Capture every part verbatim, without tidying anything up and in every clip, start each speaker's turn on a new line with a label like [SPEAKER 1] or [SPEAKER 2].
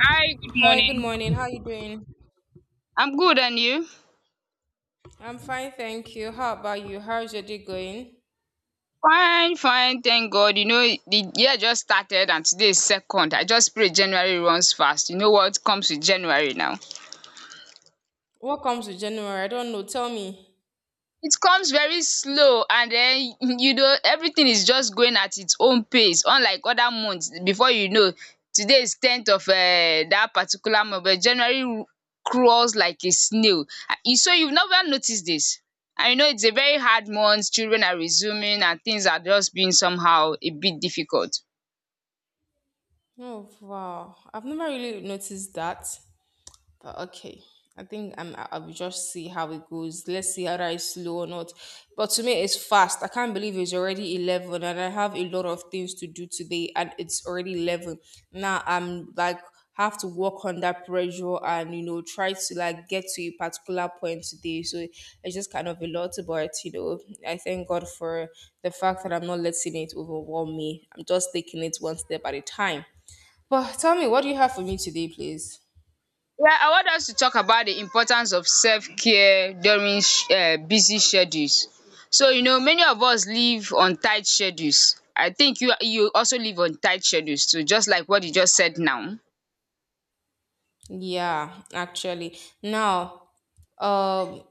[SPEAKER 1] Hi, good
[SPEAKER 2] Hi, good
[SPEAKER 1] morning.
[SPEAKER 2] morning. How you doing?
[SPEAKER 1] I'm good, and you?
[SPEAKER 2] I'm fine, thank you. How about you? How's your day going?
[SPEAKER 1] Fine, fine, thank God. You know, the year just started and today is second. I just pray January runs fast. You know what comes with January now?
[SPEAKER 2] What comes with January? I don't know. Tell me.
[SPEAKER 1] It comes very slow and um you know everything is just going at its own pace unlike other months before you know Today is tenth of um that particular month, but January crawls like a snail. Ah, you so you've never noticed this. And you know it's a very hard month, children are resuming and things are just being somehow a bit difficult.
[SPEAKER 2] Oh, wow. I've never really noticed that. But okay, I think I'm, I I will just see how it goes. Let's see whether it's slow or not. But to me, it's fast. I can't believe it's already eleven and I have a lot of things to do today and it's already eleven. Now I'm like, have to work under pressure and, you know, try to like get to a particular point today. So it's just kind of a lot, but, you know, I thank God for the fact that I'm not letting it overwhelm me. I'm just taking it one step at a time. But tell me, what do you have for me today, please?
[SPEAKER 1] Yeah, I want us to talk about the importance of self-care during sh- uh, busy schedules. So, you know, many of us live on tight schedules. I think you you also live on tight schedules too, just like what you just said now.
[SPEAKER 2] Yeah, actually. Now, um,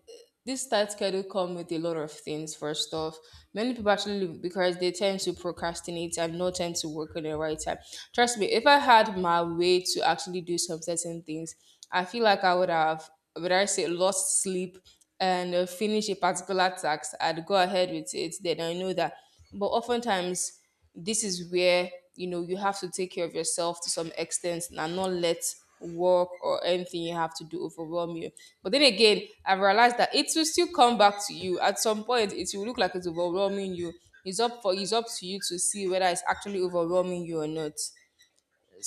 [SPEAKER 2] this tight schedule come with a lot of things. First off, many people actually leave because they tend to procrastinate and not tend to work on the right time. Trust me, if I had my way to actually do some certain things, I feel like I would have, would I say, lost sleep and uh, finish a particular task. I'd go ahead with it. Then I know that, but oftentimes this is where you know you have to take care of yourself to some extent and not let work or anything you have to do overwhelm you. But then again, I've realized that it will still come back to you at some point. It will look like it's overwhelming you. It's up for it's up to you to see whether it's actually overwhelming you or not.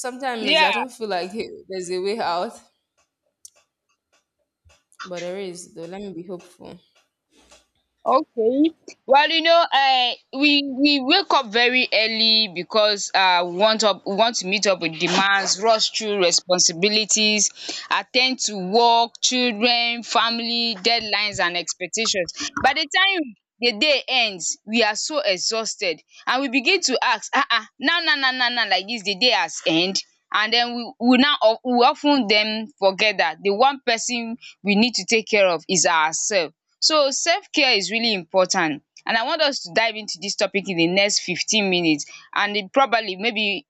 [SPEAKER 2] Sometimes I
[SPEAKER 1] Yeah.
[SPEAKER 2] don't feel like hey, there's a way out, but there is though. Let me be hopeful.
[SPEAKER 1] Okay. Well, you know, um we we wake up very early because um we want up we want to meet up with demands, rush through responsibilities, at ten d to work, children, family, deadlines and expectations. By the time the day ends, we are so exhausted and we begin to ask um now now now now now, like dis the day has end and den we we now we of ten then forget dat the one person we need to take care of is ourself. So self-care is really important and I want us to dive into this topic in the next fifteen minutes and um probably maybe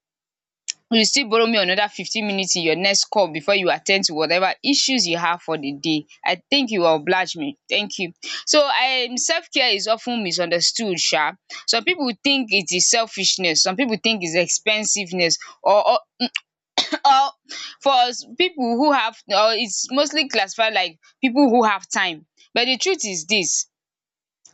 [SPEAKER 1] you still borrow me another fifteen minutes in your next call before you attend to whatever issues you have for the day. I think you will oblige me. Thank you. So um self-care is often misunderstood sha. Some people think it is selfishness, some people think it's expensiveness or or or for us people who have, or it's mostly classified like people who have time, but the truth is this.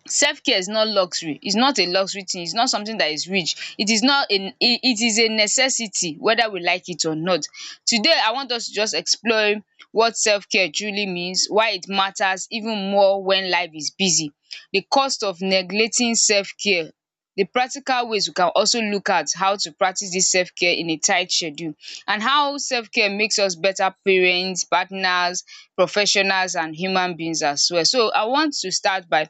[SPEAKER 1] Self care is not luxury, it's not a luxury thing, it's not something that is rich, it is not a it it is a necessity whether we like it or not. Today I want us to just explore what self care truly means, why it matters even more when life is busy, the cost of neglecting self care, the practical ways we can also look at how to practice this self care in a tight schedule, and how self care makes us better parents, partners, professionals and human beings as well. So I want to start by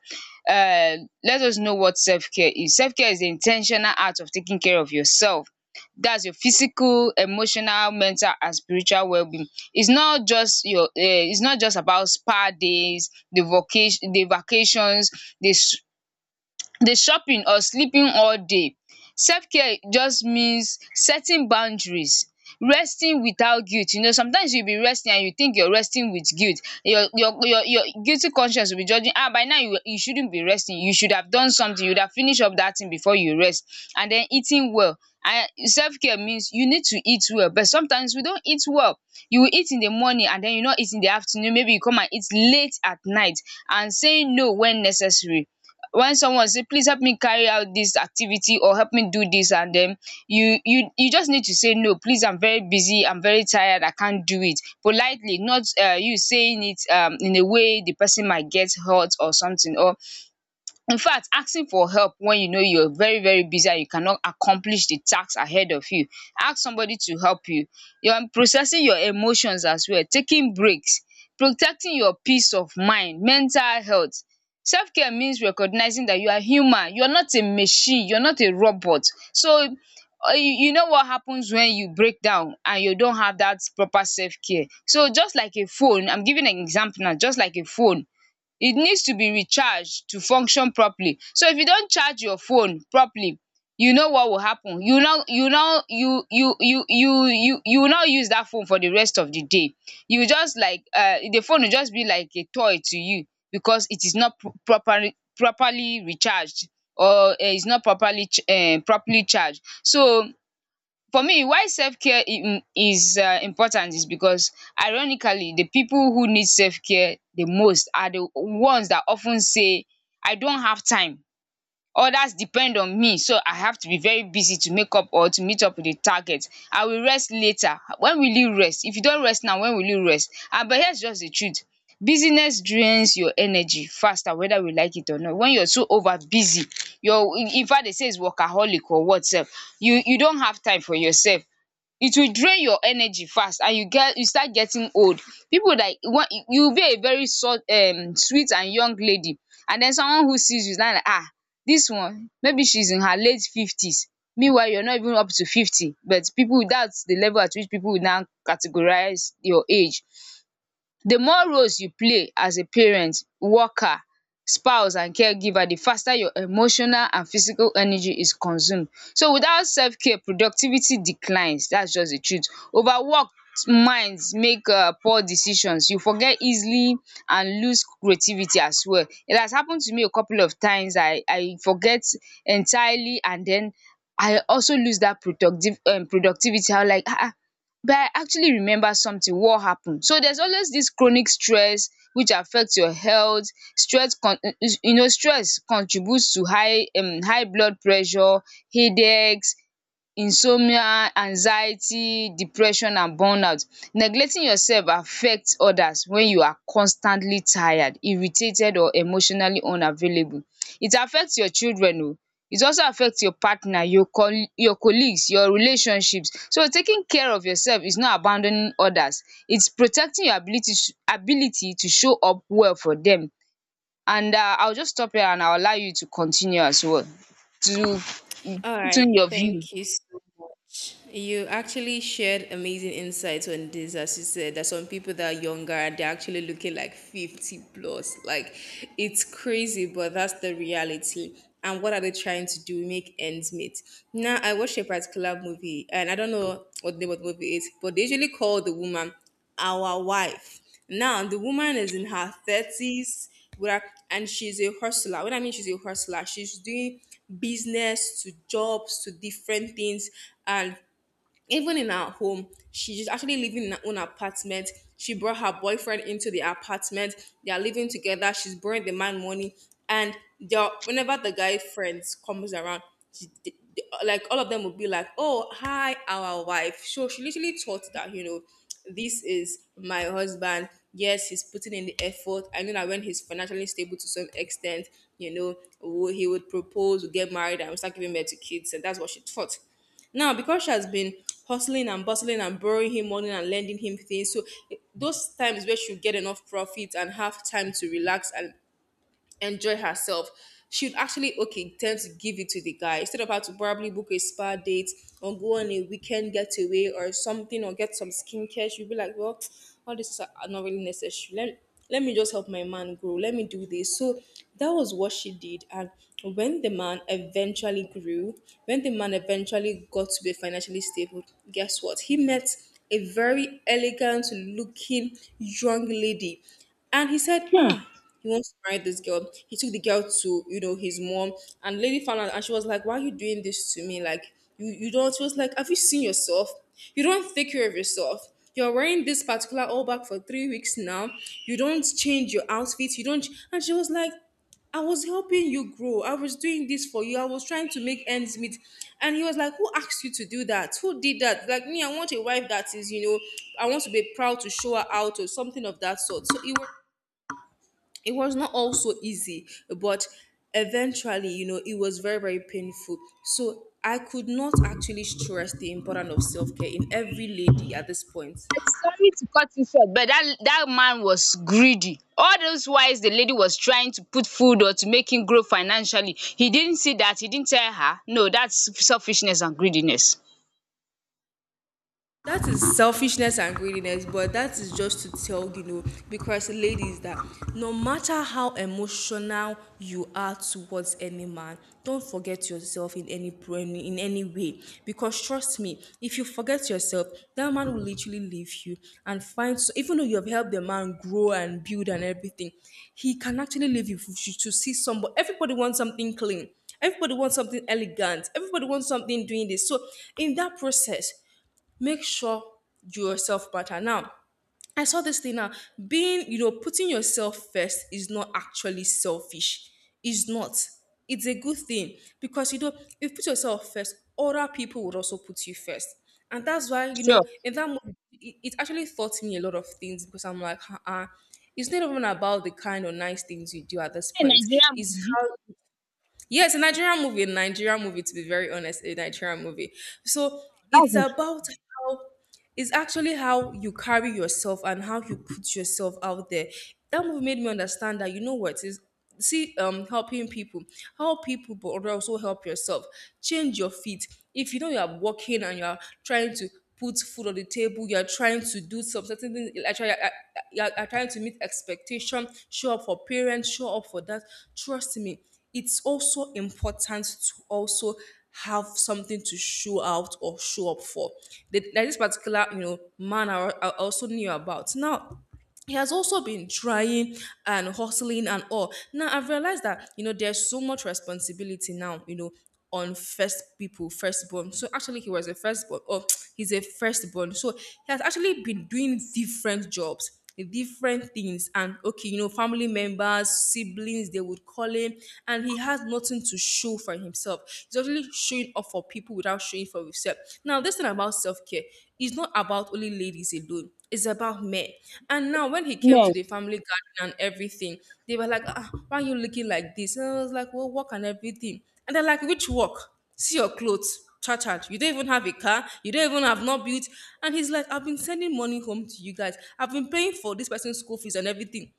[SPEAKER 1] uh, let us know what self-care is. Self-care is the intentional act of taking care of yourself. That's your physical, emotional, mental, and spiritual well-being. It's not just your. Uh, it's not just about spa days, the vacation, the vacations, the s- the shopping or sleeping all day. Self-care just means setting boundaries, resting without guilt. You know sometimes you'll be resting and you think you're resting with guilt. Your your your your guilty conscience will be judging, ah, by now you you shouldn't be resting, you should have done something, you would have finished up that thing before you rest. And then eating well. And self-care means you need to eat well but sometimes we don't eat well. You will eat in the morning and then you not eat in the afternoon, maybe you come and eat late at night. And saying no when necessary. When someone say please help me carry out this activity or help me do this, and then you you you just need to say no, please, I'm very busy, I'm very tired, I can't do it politely, not uh, you saying it um, in a way the person might get hurt or something. Or in fact, asking for help when you know you are very very busy and you cannot accomplish the task ahead of you. Ask somebody to help you. You're processing your emotions as well, taking breaks, protecting your peace of mind, mental health. Self care means recognizing that you are human, you are not a machine, you are not a robot. So uh, you you know what happens when you break down and you don't have that proper self care. So just like a phone, I'm giving an example now, just like a phone, it needs to be recharged to function properly. So if you don't charge your phone properly, you know what will happen, you now you now you you you you you you will not use dat phone for the rest of the day, you will just like um the phone will just be like a toy to you because it is not pro- properly properly recharged or um is not properly um properly charged. So for me, why self-care um is um important is because ironically the people who need self-care the most are the ones that often say I don't have time. Others depend on me so I have to be very busy to make up or to meet up with the target. I will rest later. When will you rest? If you don't rest now, when will you rest? And but here's just the truth, busyness drains your energy faster whether we like it or not. When you're so over busy, your in fact they say it's workaholic or what sef, you you don't have time for yourself. It will drain your energy fast and you get you start getting old. Pipu like you will be a very short um sweet and young lady, and then someone who sees you is now like, ah, dis one maybe she's in her late fifties, meanwhile you're not even up to fifty, but people, that's the level at which people will now categorize your age. The more roles you play as a parent, worker, spouse and caregiver, the faster your emotional and physical energy is consumed. So without self-care, productivity declines. That's just the truth. Overworked minds make um poor decisions. You forget easily and lose creativity as well. It has happened to me a couple of times. I I forget entirely and then I also lose that productive um productivity. I was like, ah, ah, but I actually remember something what happened. So there's always this chronic stress which affects your health. Stress con You know stress contributes to high um high blood pressure, headaches, insomnia, anxiety, depression and burnout. Neglecting yourself affects others when you are constantly tired, irritated or emotionally unavailable. It affects your children, oh, it also affects your partner, your col, your colleagues, your relationships. So taking care of yourself is not abandoning others, it's protecting your ability sh- ability to show up well for them. And um I will just stop here and I will allow you to continue as well to
[SPEAKER 2] All right,
[SPEAKER 1] to your
[SPEAKER 2] thank
[SPEAKER 1] view.
[SPEAKER 2] you so much. You actually shared amazing insights on this, as you said, that some people that are younger and they're actually looking like fifty plus. Like, it's crazy, but that's the reality. And what are they trying to do? Make ends meet. Now, I watched a particular movie, and I don't know what the name of the movie is, but they usually call the woman our wife. Now, the woman is in her thirties, with and she's a hustler. When I mean she's a hustler, she's doing business to jobs to different things, and even in her home, she's actually living in her own apartment. She brought her boyfriend into the apartment. They are living together. She's borrowing the man money, and they are— whenever the guy friends comes around, she, they, they- like all of them will be like, "Oh, hi, our wife." So she literally thought that, you know, this is my husband. Yes, he's putting in the effort. I know that when he's financially stable to some extent, you know, wo- he would propose, would get married, and we start giving birth to kids, and that's what she thought. Now, because she has been hustling and bustling and borrowing him money and lending him things, so eh, those times where she'll get enough profit and have time to relax and enjoy herself, she would actually okay tend to give it to the guy instead of her to probably book a spa date or go on a weekend getaway or something or get some skincare. She'd be like, well, all this is not really necessary. Let let me just help my man grow. Let me do this. So that was what she did. And when the man eventually grew, when the man eventually got to be financially stable, guess what? He met a very elegant looking young lady. And he said,
[SPEAKER 1] um
[SPEAKER 2] ah, he wants to marry this girl. He took the girl to, you know, his mom, and lady found out, and she was like, "Why are you doing this to me? Like, you, you don't." She was like, "Have you seen yourself? You don't take care of yourself. You're wearing this particular all back for three weeks now. You don't change your outfit. You don't." And she was like, "I was helping you grow. I was doing this for you. I was trying to make ends meet." And he was like, "Who asked you to do that? Who did that? Like me, I want a wife that is, you know, I want to be proud to show her out or something of that sort." So it was, it was not all so easy, but eventually, you know, it was very, very painful. So I could not actually stress the importance of self-care in every lady at this point.
[SPEAKER 1] I'm sorry to cut you short, but that that man was greedy. All those whiles the lady was trying to put food or to make him grow financially, he didn't see that. He didn't tell her. No, that's selfishness and greediness.
[SPEAKER 2] That is selfishness and greediness, but that is just to tell you know, because ladies, that no matter how emotional you are towards any man, don't forget yourself in any in any way. Because trust me, if you forget yourself, that man will literally leave you and find. So even though you have helped the man grow and build and everything, he can actually leave you for- to see somebody. Everybody wants something clean. Everybody wants something elegant. Everybody wants something doing this. So in that process make sure you yourself matter. Now, I saw this thing now. Being, you know, putting yourself first is not actually selfish. It's not. It's a good thing because, you know, if you put yourself first, other people would also put you first. And that's why, you
[SPEAKER 1] Sure.
[SPEAKER 2] know, in that moment, it, it actually taught me a lot of things because I'm like, uh-uh. It's not even about the kind of nice things you do at this
[SPEAKER 1] A
[SPEAKER 2] point.
[SPEAKER 1] Nigerian
[SPEAKER 2] It's
[SPEAKER 1] movie.
[SPEAKER 2] yes, a Nigerian movie, a Nigerian movie, to be very honest, a Nigerian movie. So
[SPEAKER 1] Oh,
[SPEAKER 2] it's
[SPEAKER 1] that's
[SPEAKER 2] about
[SPEAKER 1] interesting.
[SPEAKER 2] how, it's actually how you carry yourself and how you put yourself out there. That movie made me understand that you know what is see um helping people, help people but also help yourself. Change your feet. If you know you are walking and you are trying to put food on the table, you are trying to do some certain things, like you are, you are you are trying to meet expectation, show up for parents, show up for that, trust me, it's also important to also have something to show out or show up for. There- There's this particular, you know, man I, I also knew about. Now, he has also been trying and hustling and all. Now I've realized that you know there's so much responsibility now, you know, on first people, firstborn. So actually he was a firstborn. Oh, he's a firstborn. So he has actually been doing different jobs, different things. And okay, you know, family members, siblings, they would call him, and he has nothing to show for himself. He's actually showing up for people without showing for himself. Now, this thing about self-care is not about only ladies alone, it's about me. And now when he came to
[SPEAKER 1] Man,
[SPEAKER 2] the family garden and everything, they were like, ah, why are you looking like this? And I was like, well, work and everything. And they're like, which work? See your clothes. Cha cha. You don't even have a car. You don't even have not built. And he's like, I've been sending money home to you guys. I've been paying for this person's school fees and everything.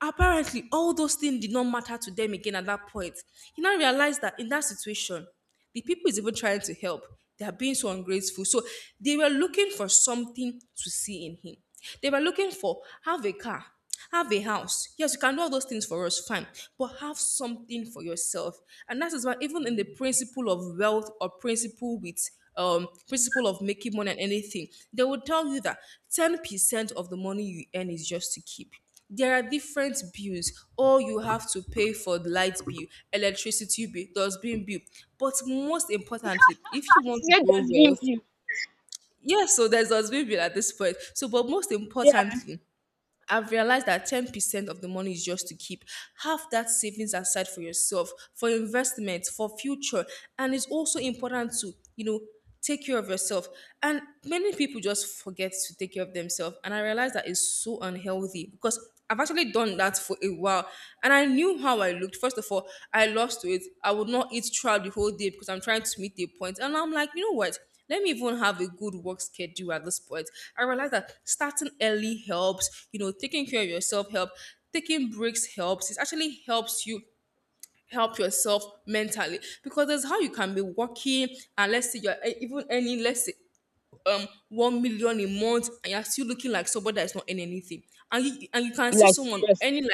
[SPEAKER 2] Apparently, all those things did not matter to them again at that point. He now realized that in that situation, the people is even trying to help. They are being so ungrateful. So they were looking for something to see in him. They were looking for have a car, have a house. Yes, you can do all those things for us, fine, but have something for yourself. And that is why even in the principle of wealth or principle with um principle of making money and anything, they will tell you that ten percent of the money you earn is just to keep. There are different bills or you have to pay for the light bill, electricity bill, dustbin bill, but most importantly, if you
[SPEAKER 1] she
[SPEAKER 2] want to
[SPEAKER 1] said
[SPEAKER 2] grow
[SPEAKER 1] dustbin
[SPEAKER 2] wealth,
[SPEAKER 1] view.
[SPEAKER 2] yes, so there's dustbin bill at this point. So but most
[SPEAKER 1] Yeah,
[SPEAKER 2] importantly, I've realized that ten percent of the money is just to keep. Have that savings aside for yourself, for investment, for future. And it's also important to, you know, take care of yourself. And many people just forget to take care of themselves. And I realized that is so unhealthy because I've actually done that for a while. And I knew how I looked. First of all, I lost weight. I would not eat throughout the whole day because I'm trying to meet the point. And I'm like, you know what? Let me even have a good work schedule at this point. I realize that starting early helps, you know, taking care of yourself helps, taking breaks helps. It actually helps you help yourself mentally because that's how you can be working and let's say you're e- even earning, let's say um one million a month and you're still looking like somebody that's not earning anything. And you, and you can see
[SPEAKER 1] like
[SPEAKER 2] someone
[SPEAKER 1] seriously.
[SPEAKER 2] earning like,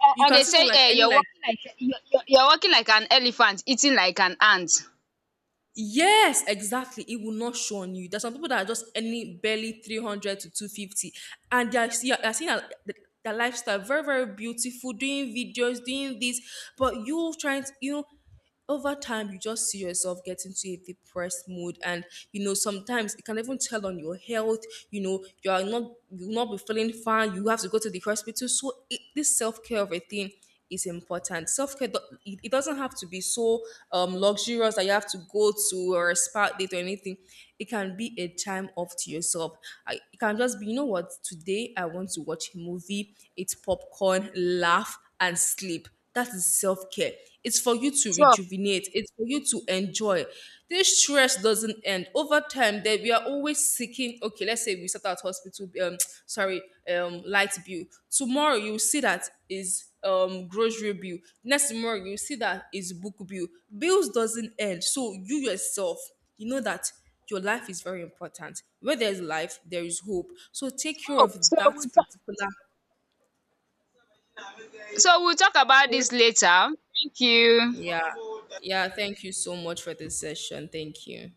[SPEAKER 1] And,
[SPEAKER 2] you
[SPEAKER 1] and
[SPEAKER 2] can
[SPEAKER 1] they
[SPEAKER 2] see someone
[SPEAKER 1] say
[SPEAKER 2] like
[SPEAKER 1] eh,
[SPEAKER 2] earning
[SPEAKER 1] you're
[SPEAKER 2] like,
[SPEAKER 1] walking like you're, you're, you're walking like an elephant, eating like an ant.
[SPEAKER 2] yes, exactly. It will not show on you. There's some people that are just any barely three hundred to two hundred fifty, and they are, see- they are seeing a- th- their lifestyle very, very beautiful, doing videos, doing this, but you trying to, you know, over time you just see yourself getting to a depressed mood. And you know sometimes it can even tell on your health. You know you are not, you will not be feeling fine, you have to go to the hospital. So it, this self-care of a thing is important. Self care, it it doesn't have to be so um, luxurious that you have to go to or a spa date or anything. It can be a time off to yourself. I, it can just be, you know what, today I want to watch a movie, eat popcorn, laugh, and sleep. That is self-care. It's for you to
[SPEAKER 1] Sure.
[SPEAKER 2] rejuvenate. It's for you to enjoy. This stress doesn't end. Over time, that we are always seeking, okay, let's say we start out hospital, um, sorry, um, light bill. Tomorrow you will see that is um grocery bill. Next tomorrow you see that is book bill. Bills doesn't end. So you yourself, you know that your life is very important. Where there's life, there is hope. So take care
[SPEAKER 1] Oh,
[SPEAKER 2] of
[SPEAKER 1] so
[SPEAKER 2] that
[SPEAKER 1] we'll talk.
[SPEAKER 2] particular
[SPEAKER 1] So we'll talk about this later. Thank you.
[SPEAKER 2] yeah. Yeah. Thank you so much for this session. Thank you.